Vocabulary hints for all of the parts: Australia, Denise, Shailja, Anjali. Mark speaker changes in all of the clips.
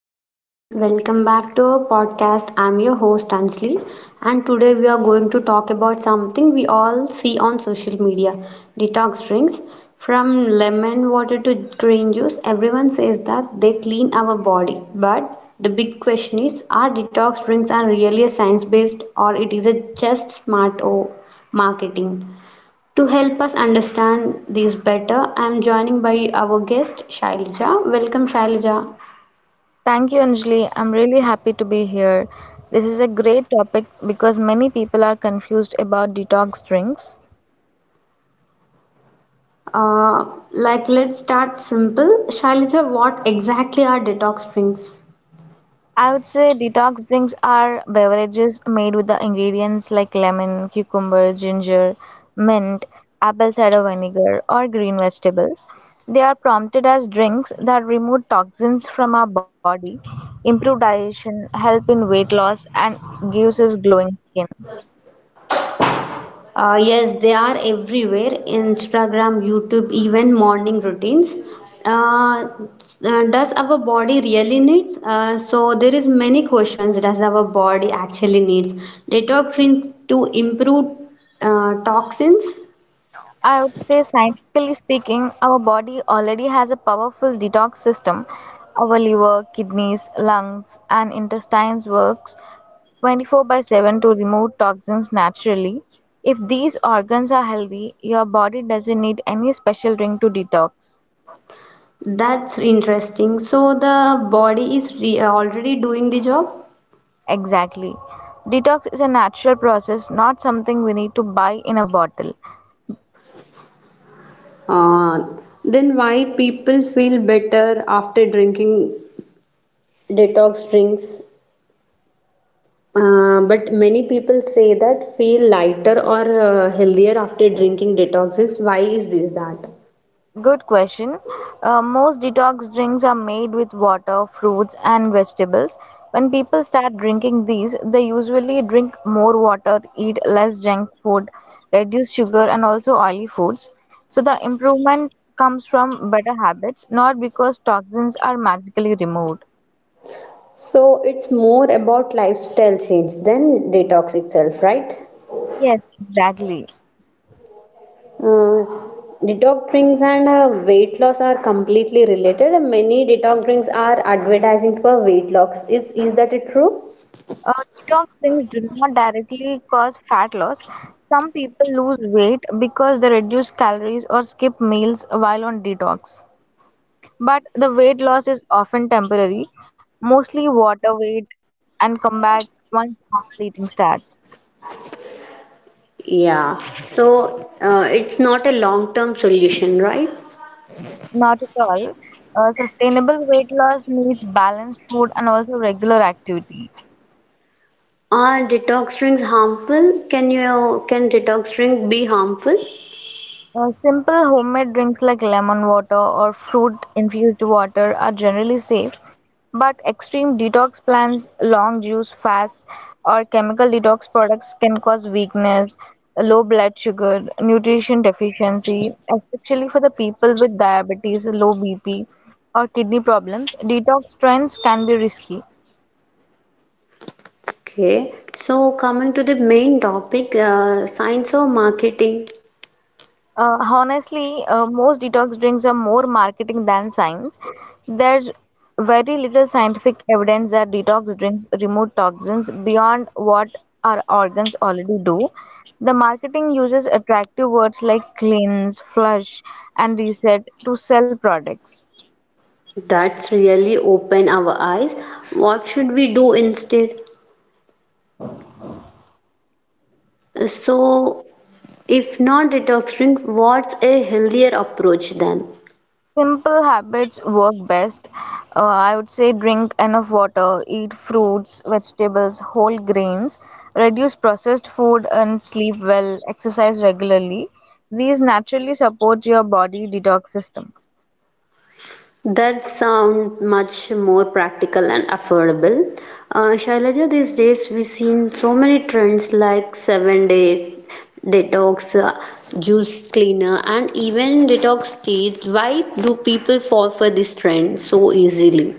Speaker 1: everyone, welcome back to our podcast. I'm your host Anjali, and today we are going to talk about something we all see on social media, detox drinks. From lemon water to green juice, everyone says that they clean our body. But the big question is, are detox drinks are really a science based or it is a just smart marketing? To help us understand these better, I am joining by our guest Shailja. Welcome Shailja.
Speaker 2: Thank you, Anjali. I'm really happy to be here. This is a great topic because many people are confused about detox drinks.
Speaker 1: Uh, like, let's start simple. Shailija, what exactly are detox drinks?
Speaker 2: I would say detox drinks are beverages made with the ingredients like lemon, cucumber, ginger, mint, apple cider vinegar, or green vegetables. They are prompted as drinks that remove toxins from our body, improve digestion, help in weight loss, and gives us glowing skin.
Speaker 1: Yes, they are everywhere, Instagram, YouTube, even morning routines. Uh, does our body really needs? So there is many questions. Does our body actually needs detox drink to improve toxins?
Speaker 2: I would say, scientifically speaking, our body already has a powerful detox system. Our liver, kidneys, lungs, and intestines works 24/7 to remove toxins naturally. If these organs are healthy, your body doesn't need any special drink to detox.
Speaker 1: That's interesting. So the body is already doing the job.
Speaker 2: Exactly. Detox is a natural process, not something we need to buy in a bottle.
Speaker 1: Uh, then why people feel better after drinking detox drinks? But many people say that feel lighter or healthier after drinking detox drinks. Why is this that?
Speaker 2: Good question. Most detox drinks are made with water, fruits, and vegetables. When people start drinking these, they usually drink more water, eat less junk food, reduce sugar, and also oily foods. So the improvement comes from better habits, not because toxins are magically removed.
Speaker 1: So it's more about lifestyle change than detox itself, right?
Speaker 2: Yes, exactly.
Speaker 1: Uh, Detox drinks and weight loss are completely related. Many detox drinks are advertising for weight loss. Is that it true?
Speaker 2: Detox drinks do not directly cause fat loss. Some people lose weight because they reduce calories or skip meals while on detox. But the weight loss is often temporary, mostly water weight, and come back once normal eating starts.
Speaker 1: Yeah, so it's not a long-term solution, right?
Speaker 2: Not at all. Sustainable weight loss needs balanced food and also regular activity.
Speaker 1: Are detox drinks harmful? Can detox drink be harmful?
Speaker 2: Simple homemade drinks like lemon water or fruit infused water are generally safe, but extreme detox plans, long juice fasts, or chemical detox products can cause weakness, low blood sugar, nutrition deficiency, especially for the people with diabetes, low BP, or kidney problems. Detox trends can be risky.
Speaker 1: Okay, so coming to the main topic, science or marketing,
Speaker 2: Honestly, most detox drinks are more marketing than science. There's very little scientific evidence that detox drinks remove toxins beyond what our organs already do. The marketing uses attractive words like cleanse, flush, and reset to sell products.
Speaker 1: that's really open our eyes. What should we do instead? So, if not detox drink, what's a healthier approach then?
Speaker 2: Simple habits work best. I would say drink enough water, eat fruits, vegetables, whole grains, reduce processed food, and sleep well, exercise regularly. These naturally support your body detox system
Speaker 1: That sounds much more practical and affordable. Shailaja, these days we've seen so many trends like 7 days detox, juice cleaner, and even detox teas. Why do people fall for this trend so easily?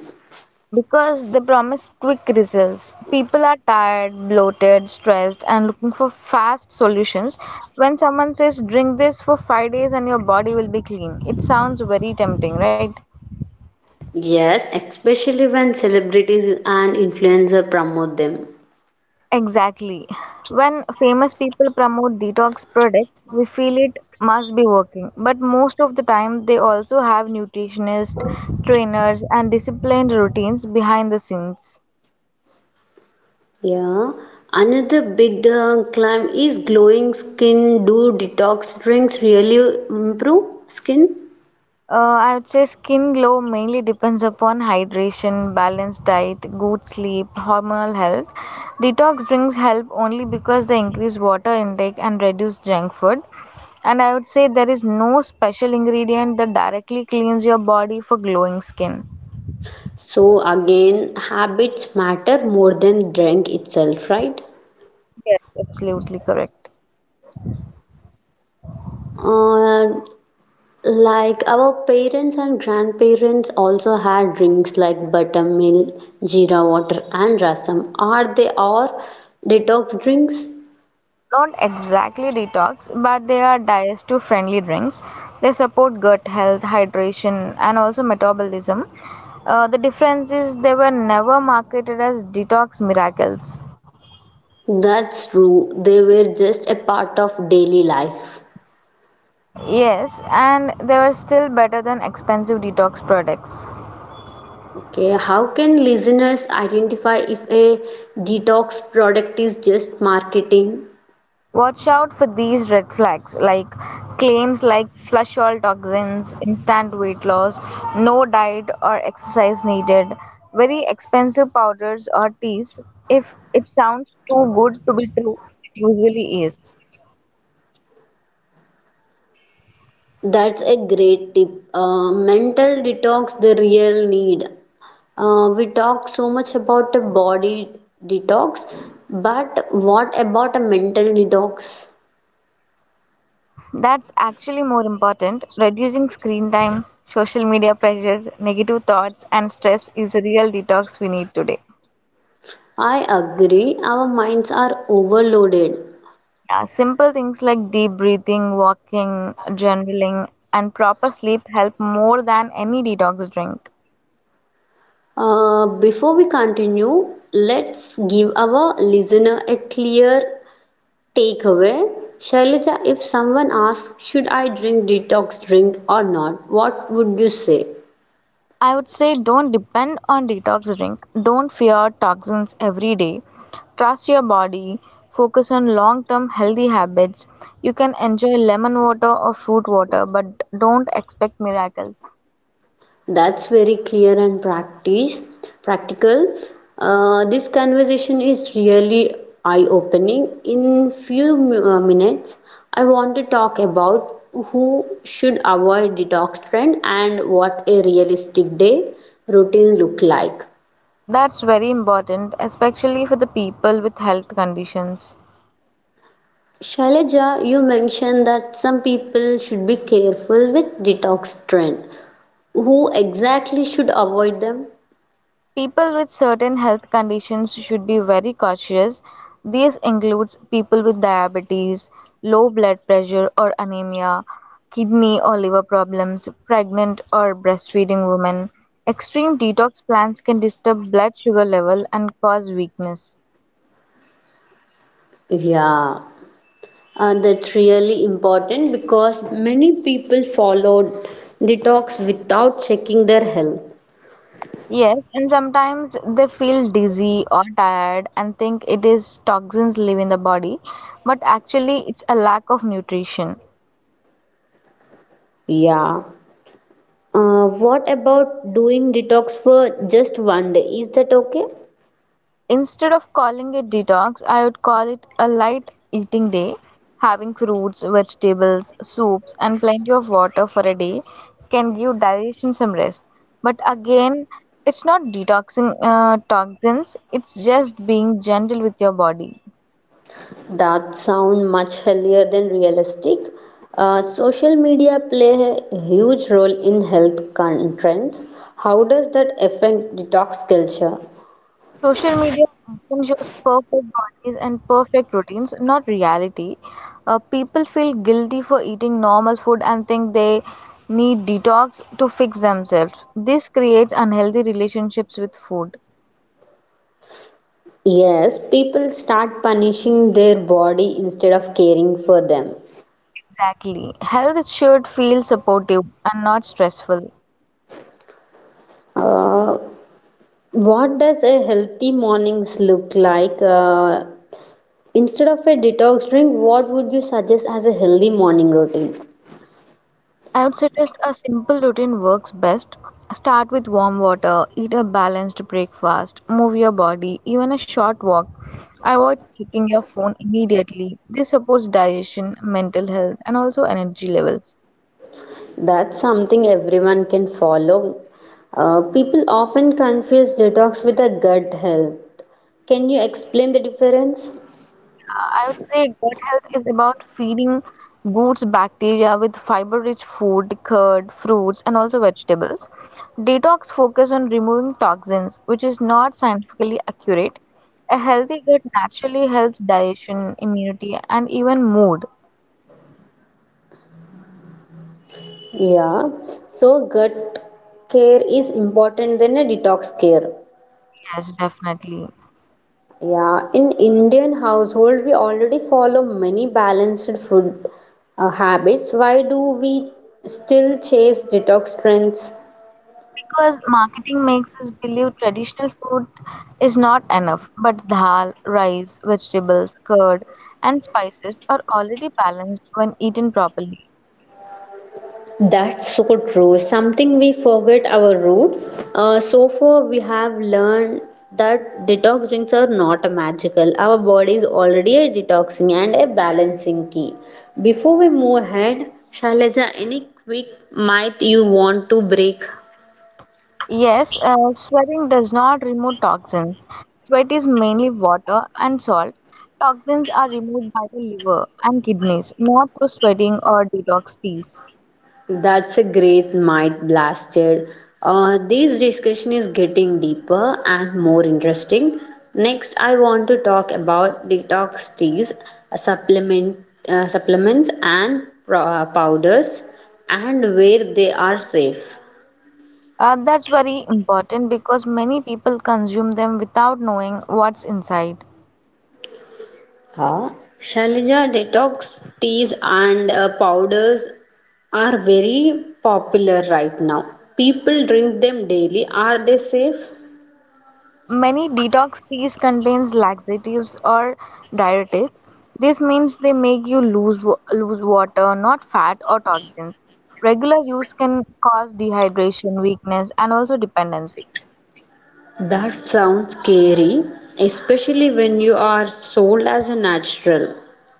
Speaker 2: because they promise quick results. People are tired, bloated, stressed, and looking for fast solutions. When someone says, Drink this for 5 days and your body will be clean, it sounds very tempting, right?
Speaker 1: Yes, especially when celebrities and influencers promote them.
Speaker 2: Exactly. When famous people promote detox products, we feel it must be working. But most of the time, they also have nutritionists, trainers, and disciplined routines behind the scenes.
Speaker 1: Yeah. Another big claim is glowing skin. Do detox drinks really improve skin?
Speaker 2: Uh, I would say skin glow mainly depends upon hydration, balanced diet, good sleep, hormonal health. Detox drinks help only because they increase water intake and reduce junk food. And I would say there is no special ingredient that directly cleans your body for glowing skin.
Speaker 1: So again, habits matter more than drink itself, right?
Speaker 2: Yes, absolutely correct.
Speaker 1: Uh, like our parents and grandparents also had drinks like buttermilk, jeera water, and rasam. Are they all detox drinks?
Speaker 2: Not exactly detox, but they are digestive friendly drinks. They support gut health, hydration, and also metabolism. The difference is they were never marketed as detox miracles.
Speaker 1: That's true. They were just a part of daily life.
Speaker 2: Yes, and they were still better than expensive detox products.
Speaker 1: Okay, how can listeners identify if a detox product is just marketing?
Speaker 2: Watch out for these red flags like claims like flush all toxins, instant weight loss, no diet or exercise needed, very expensive powders or teas. If it sounds too good to be true, it usually is.
Speaker 1: That's a great tip. Mental detox, the real need. We talk so much about a body detox, but what about a mental detox?
Speaker 2: That's actually more important. Reducing screen time, social media pressure, negative thoughts, and stress is a real detox we need today.
Speaker 1: I agree, our minds are overloaded.
Speaker 2: Yeah, simple things like deep breathing, walking, journaling, and proper sleep help more than any detox drink.
Speaker 1: Before we continue, let's give our listener a clear takeaway. Shailaja, if someone asks, should I drink detox drink or not, what would you say?
Speaker 2: I would say don't depend on detox drink. Don't fear toxins every day. Trust your body. Focus on long-term healthy habits. You can enjoy lemon water or fruit water, but don't expect miracles.
Speaker 1: That's very clear and practice practical. This conversation is really eye-opening. In few minutes, I want to talk about who should avoid detox trend and what a realistic day routine look like.
Speaker 2: That's very important, especially for the people with health conditions.
Speaker 1: Shailaja, you mentioned that some people should be careful with detox trend. Who exactly should avoid them?
Speaker 2: People with certain health conditions should be very cautious. This includes people with diabetes, low blood pressure or anemia, kidney or liver problems, pregnant or breastfeeding women. Extreme detox plans can disturb blood sugar level and cause weakness.
Speaker 1: Yeah. That's really important because many people followed detox without checking their health.
Speaker 2: Yes, and sometimes they feel dizzy or tired and think it is toxins live in the body, but actually it's a lack of nutrition.
Speaker 1: Yeah. What about doing detox for just one day? Is that okay?
Speaker 2: Instead of calling it detox, I would call it a light eating day. Having fruits, vegetables, soups, and plenty of water for a day can give digestion some rest. But again, it's not detoxing toxins, it's just being gentle with your body.
Speaker 1: That sound much healthier than realistic. Social media play a huge role in health trends. How does that affect detox culture?
Speaker 2: Social media often shows perfect bodies and perfect routines, not reality. People feel guilty for eating normal food and think they need detox to fix themselves. This creates unhealthy relationships with food.
Speaker 1: Yes, people start punishing their body instead of caring for them.
Speaker 2: Exactly. Health should feel supportive and not stressful.
Speaker 1: Uh, What does a healthy mornings look like? Instead of a detox drink, what would you suggest as a healthy morning routine?
Speaker 2: I would suggest a simple routine works best. Start with warm water, eat a balanced breakfast, move your body, even a short walk. Avoid checking your phone immediately. This supports digestion, mental health, and also energy levels.
Speaker 1: That's something everyone can follow. People often confuse detox with a gut health. Can you explain the difference?
Speaker 2: Yeah, I would say gut health is about feeding good bacteria with fiber-rich food, curd, fruits, and also vegetables. Detox focus on removing toxins, which is not scientifically accurate. A healthy gut naturally helps digestion, immunity, and even mood.
Speaker 1: Yeah, so gut care is important than a detox care.
Speaker 2: Yes, definitely.
Speaker 1: Yeah, in Indian household we already follow many balanced food habits. Why do we still chase detox trends?
Speaker 2: Because marketing makes us believe traditional food is not enough, but dal, rice, vegetables, curd, and spices are already balanced when eaten properly.
Speaker 1: That's so true. Something we forget our roots. So far we have learned that detox drinks are not magical. Our body is already a detoxing and a balancing key. Before we move ahead, Shailaja, any quick myth you want to break?
Speaker 2: Yes, sweating does not remove toxins. Sweat is mainly water and salt. Toxins are removed by the liver and kidneys, not through sweating or detox teas.
Speaker 1: That's a great might blasted. This discussion is getting deeper and more interesting. Next, I want to talk about detox teas, supplement, supplements, and powders, and where they are safe.
Speaker 2: That's very important because many people consume them without knowing what's inside.
Speaker 1: Huh? Shalija, detox teas and powders are very popular right now. People drink them daily. Are they safe?
Speaker 2: Many detox teas contains laxatives or diuretics. This means they make you lose water, not fat or toxins. Regular use can cause dehydration, weakness, and also dependency.
Speaker 1: That sounds scary, especially when you are sold as a natural.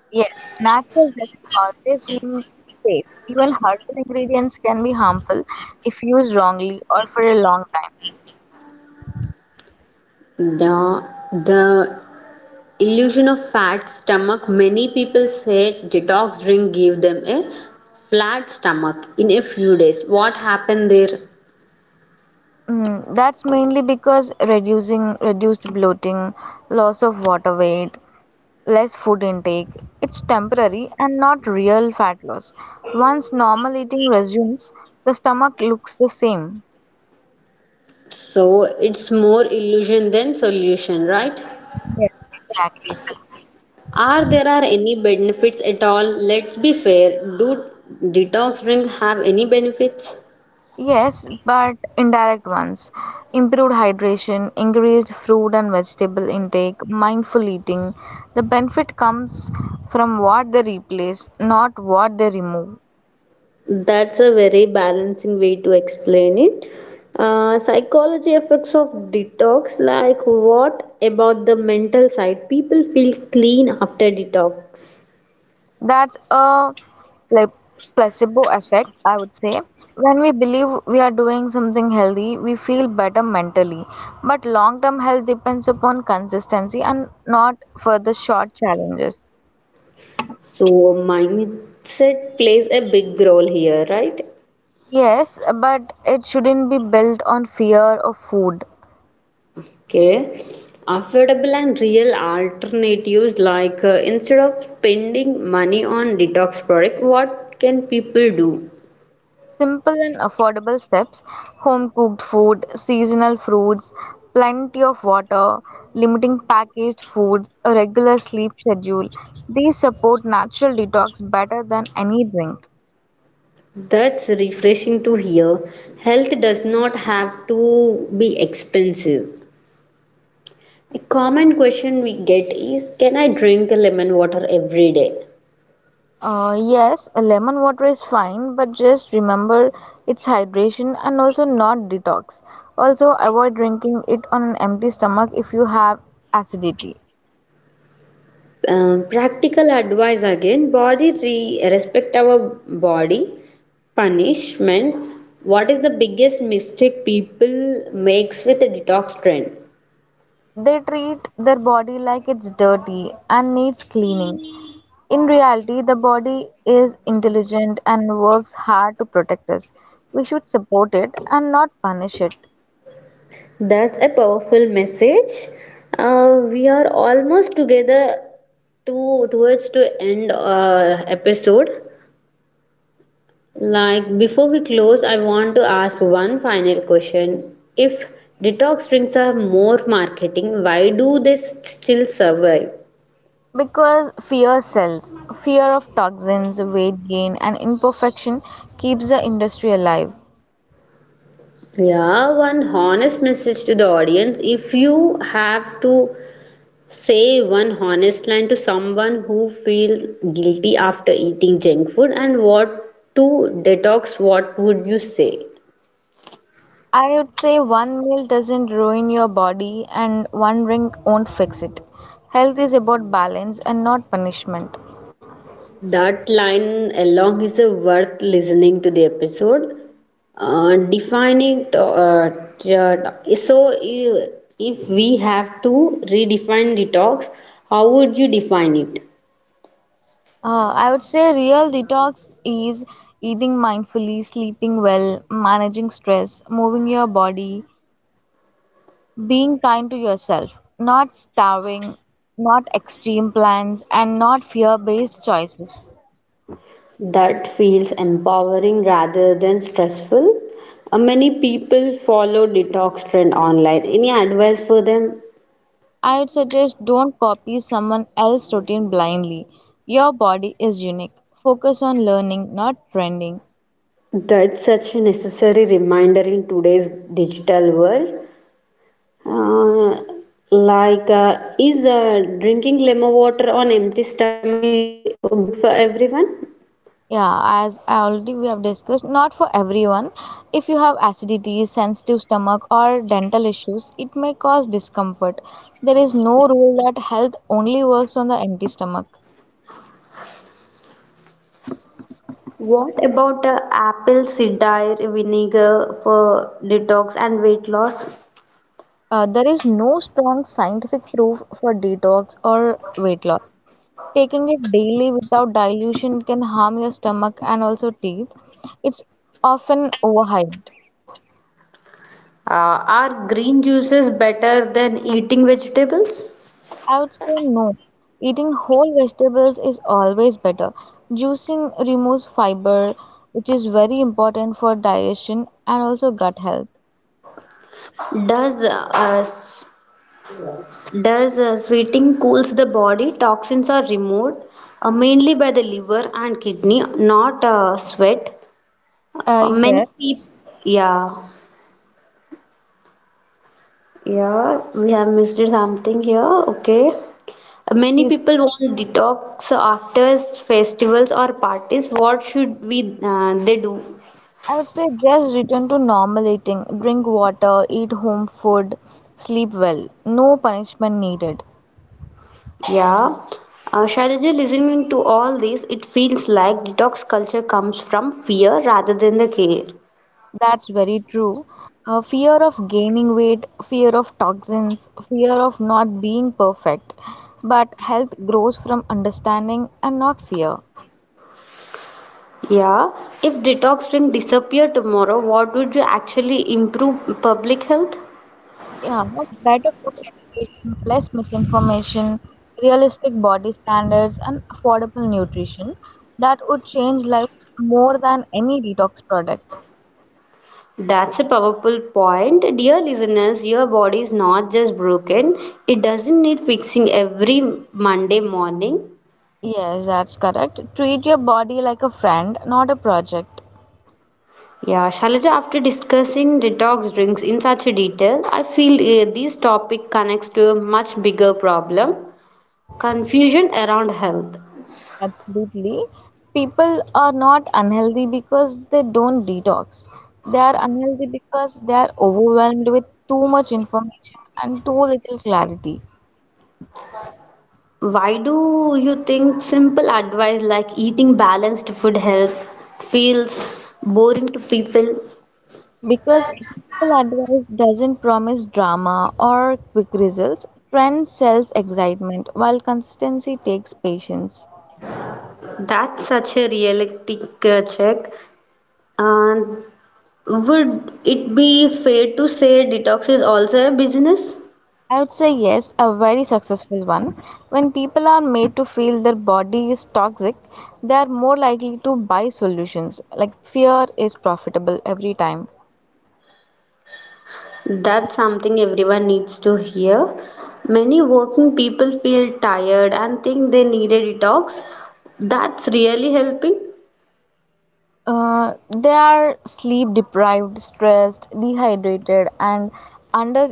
Speaker 2: Yes, natural doesn't always mean safe. Even herbal ingredients can be harmful if used wrongly or for a long time.
Speaker 1: The illusion of fat stomach, many people say detox drink give them a flat stomach in a few days. What happened there?
Speaker 2: That's mainly because reducing reduced bloating, loss of water weight, less food intake. It's temporary and not real fat loss. Once normal eating resumes, the stomach looks the same.
Speaker 1: So it's more illusion than solution, right?
Speaker 2: Yes, exactly. It is.
Speaker 1: Are there are any benefits at all? Let's be fair. Do detox drink have any benefits?
Speaker 2: Yes, but indirect ones. Improved hydration, increased fruit and vegetable intake, mindful eating. The benefit comes from what they replace, not what they remove.
Speaker 1: That's a very balancing way to explain it. Psychology effects of detox, like what about the mental side? People feel clean after detox.
Speaker 2: That's a like placebo effect, I would say. When we believe we are doing something healthy, we feel better mentally. But long-term health depends upon consistency and not for the short challenges.
Speaker 1: So, mindset plays a big role here, right?
Speaker 2: Yes, but it shouldn't be built on fear of food.
Speaker 1: Okay. Affordable and real alternatives, like instead of spending money on detox product, what can people do?
Speaker 2: Simple and affordable steps, home cooked food, seasonal fruits, plenty of water, limiting packaged foods, a regular sleep schedule. These support natural detox better than any drink.
Speaker 1: That's refreshing to hear. Health does not have to be expensive. A common question we get is, can I drink lemon water every day?
Speaker 2: Yes, lemon water is fine, but just remember it's hydration and also not detox. Also, avoid drinking it on an empty stomach if you have acidity.
Speaker 1: Practical advice again. Body, respect our body, punishment. What is the biggest mistake people makes with a detox trend?
Speaker 2: They treat their body like it's dirty and needs cleaning. In reality, the body is intelligent and works hard to protect us. We should support it and not punish it.
Speaker 1: That's a powerful message. We are almost together to towards to end episode. Like before we close, I want to ask one final question. If detox drinks are more marketing, why do they still survive?
Speaker 2: Because fear sells. Fear of toxins, weight gain, and imperfection keeps the industry alive.
Speaker 1: Yeah, one honest message to the audience. If you have to say one honest line to someone who feels guilty after eating junk food and what to detox, what would you say?
Speaker 2: I would say one meal doesn't ruin your body and one drink won't fix it. Health is about balance and not punishment.
Speaker 1: That line along is a worth listening to the episode. Defining to, t- so I- If we have to redefine detox, how would you define it?
Speaker 2: I would say real detox is eating mindfully, sleeping well, managing stress, moving your body, being kind to yourself, not starving, not extreme plans, and not fear based choices.
Speaker 1: That feels empowering rather than stressful. Many people follow detox trend online. Any advice for them?
Speaker 2: I would suggest don't copy someone else's routine blindly. Your body is unique. Focus on learning, not trending.
Speaker 1: That's such a necessary reminder in today's digital world. Uh, like, is drinking lemon water on empty stomach for good for everyone?
Speaker 2: Yeah, as I already we have discussed, not for everyone. If you have acidity, sensitive stomach, or dental issues, it may cause discomfort. There is no rule that health only works on the empty stomach.
Speaker 1: What about apple cider vinegar for detox and weight loss?
Speaker 2: There is no strong scientific proof for detox or weight loss. Taking it daily without dilution can harm your stomach and also teeth. It's often overhyped.
Speaker 1: Are green juices better than eating vegetables?
Speaker 2: I would say no. Eating whole vegetables is always better. Juicing removes fiber, which is very important for digestion and also gut health.
Speaker 1: Does uh, uh, s- does sweating cools the body? Toxins are removed mainly by the liver and kidney, not sweat.
Speaker 2: Uh,
Speaker 1: Many
Speaker 2: yeah,
Speaker 1: people, yeah. Yeah, we have missed something here. Okay. Many
Speaker 2: Please.
Speaker 1: people want detox after festivals or parties. What should we they do?
Speaker 2: I would say just return to normal eating. Drink water, eat home food, sleep well. No punishment needed.
Speaker 1: Yeah. Shailaja, listening to all this, it feels like detox culture comes from fear rather than the care.
Speaker 2: That's very true. Fear of gaining weight, fear of toxins, fear of not being perfect. But health grows from understanding and not fear.
Speaker 1: Yeah. If detox drink disappear tomorrow, what would you actually improve public health?
Speaker 2: Yeah, better food education, less misinformation, realistic body standards, and affordable nutrition that would change lives more than any detox product.
Speaker 1: That's a powerful point. Dear listeners, your body is not just broken, it doesn't need fixing every Monday morning.
Speaker 2: Yes, that's correct. Treat your body like a friend, not a project.
Speaker 1: Yeah, Shalaja, after discussing detox drinks in such a detail, I feel this topic connects to a much bigger problem, confusion around health.
Speaker 2: Absolutely. People are not unhealthy because they don't detox. They are unhealthy because they are overwhelmed with too much information and too little clarity.
Speaker 1: Why do you think simple advice like eating balanced food help feels boring to people?
Speaker 2: Because simple advice doesn't promise drama or quick results, trend sells excitement while consistency takes patience.
Speaker 1: That's such a realistic check. And would it be fair to say detox is also a business?
Speaker 2: I would say yes, a very successful one. When people are made to feel their body is toxic, they are more likely to buy solutions. Like fear is profitable every time.
Speaker 1: That's something everyone needs to hear. Many working people feel tired and think they need a detox. That's really helping.
Speaker 2: They are sleep deprived, stressed, dehydrated, and under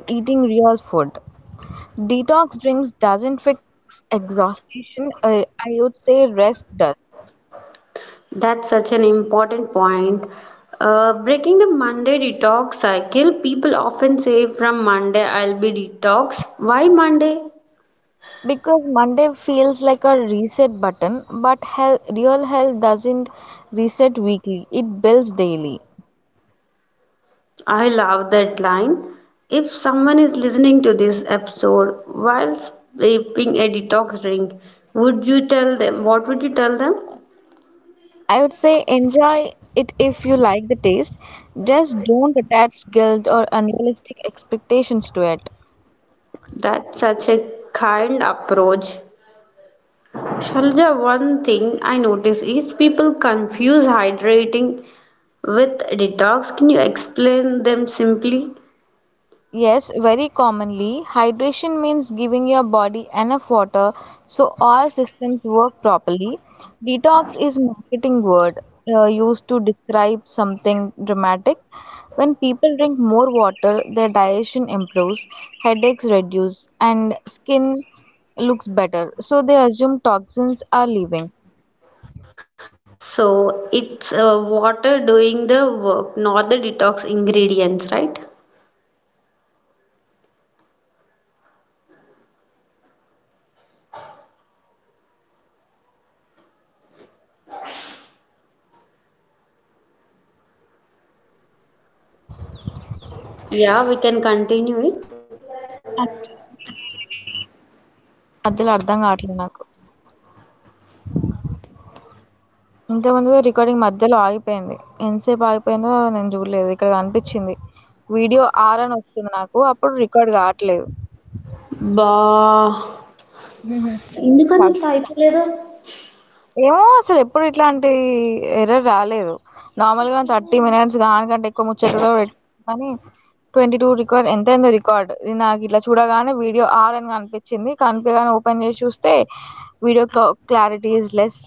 Speaker 1: That's such an important point. Breaking the Monday detox cycle, people often say from Monday I'll be detox. Why Monday? I love that line. If someone is listening to this episode while sipping a detox drink, would you tell them? What would you tell them? That's such a kind approach. Shalja, one thing I notice is people confuse hydrating with detox. Can you explain them simply? So it's water doing the work, not the detox ingredients, right? Yeah, we can continue it.
Speaker 2: ఆ movie recording ఎందుకు ఆగిపోతుంది మధ్యలో అర్థం కావట్లేదు నాకు. ఇంతకుముందు recording మధ్యలో ఆగిపోయింది. ఎంతసేపు ఆగిపోయిందో నేను చూడలేదు. ఇక్కడ కనిపిచ్చింది. వీడియో ఆర్ అని వస్తుంది నాకు. అప్పుడు రికార్డ్ కావట్లేదు.
Speaker 1: Bah.
Speaker 2: ఏమో అసలు ఎప్పుడు ఇట్లాంటి ఎర్రర్ రాలేదు నార్మల్గా థర్టీ మినిట్స్ దానికంటే ఎక్కువ ముచ్చట్లు కూడా పెట్టాం కానీ ట్వంటీ టూ రికార్డ్ ఎంతైందో రికార్డ్ నాకు ఇట్లా చూడగానే వీడియో ఆర్ అని కనిపించింది కనిపించగానే ఓపెన్ చేసి చూస్తే వీడియో క్లారిటీ ఈజ్ లెస్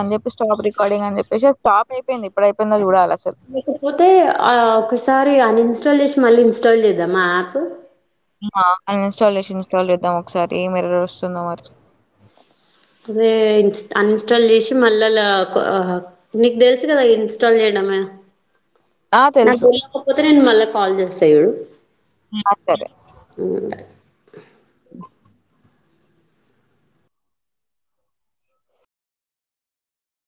Speaker 2: అని చెప్పి స్టాప్ రికార్డింగ్ అని చెప్పేసి అది స్టాప్ అయిపోయింది ఎప్పుడు అయిపోయిందో చూడాలి అసలు
Speaker 1: లేకపోతే ఆహ్, ఒకసారి అన్‌ఇన్‌స్టాల్ జేసి మళ్ళీ ఇన్‌స్టాల్ జేద్దామా యాప్?
Speaker 2: ఆ, అన్ఇన్స్టాల్ చేసి ఇన్స్టాల్ చేద్దాం ఒకసారి ఏం ఎర్రర్ వస్తుందో మరి
Speaker 1: అదే ఇన్స్ అన్‌ఇన్‌స్టాల్ జేసి మళ్ళలా క ఆహ్, నీకు దెలుసు గదా! ఇన్‌స్టాల్ జేయడమే.
Speaker 2: ఆ,
Speaker 1: నాకు
Speaker 2: తెలుసు
Speaker 1: దెలవకపోతే నేను మళ్ళా కాల్ జేస్తా జూడు.
Speaker 2: ఆ, సరే ఉమ్.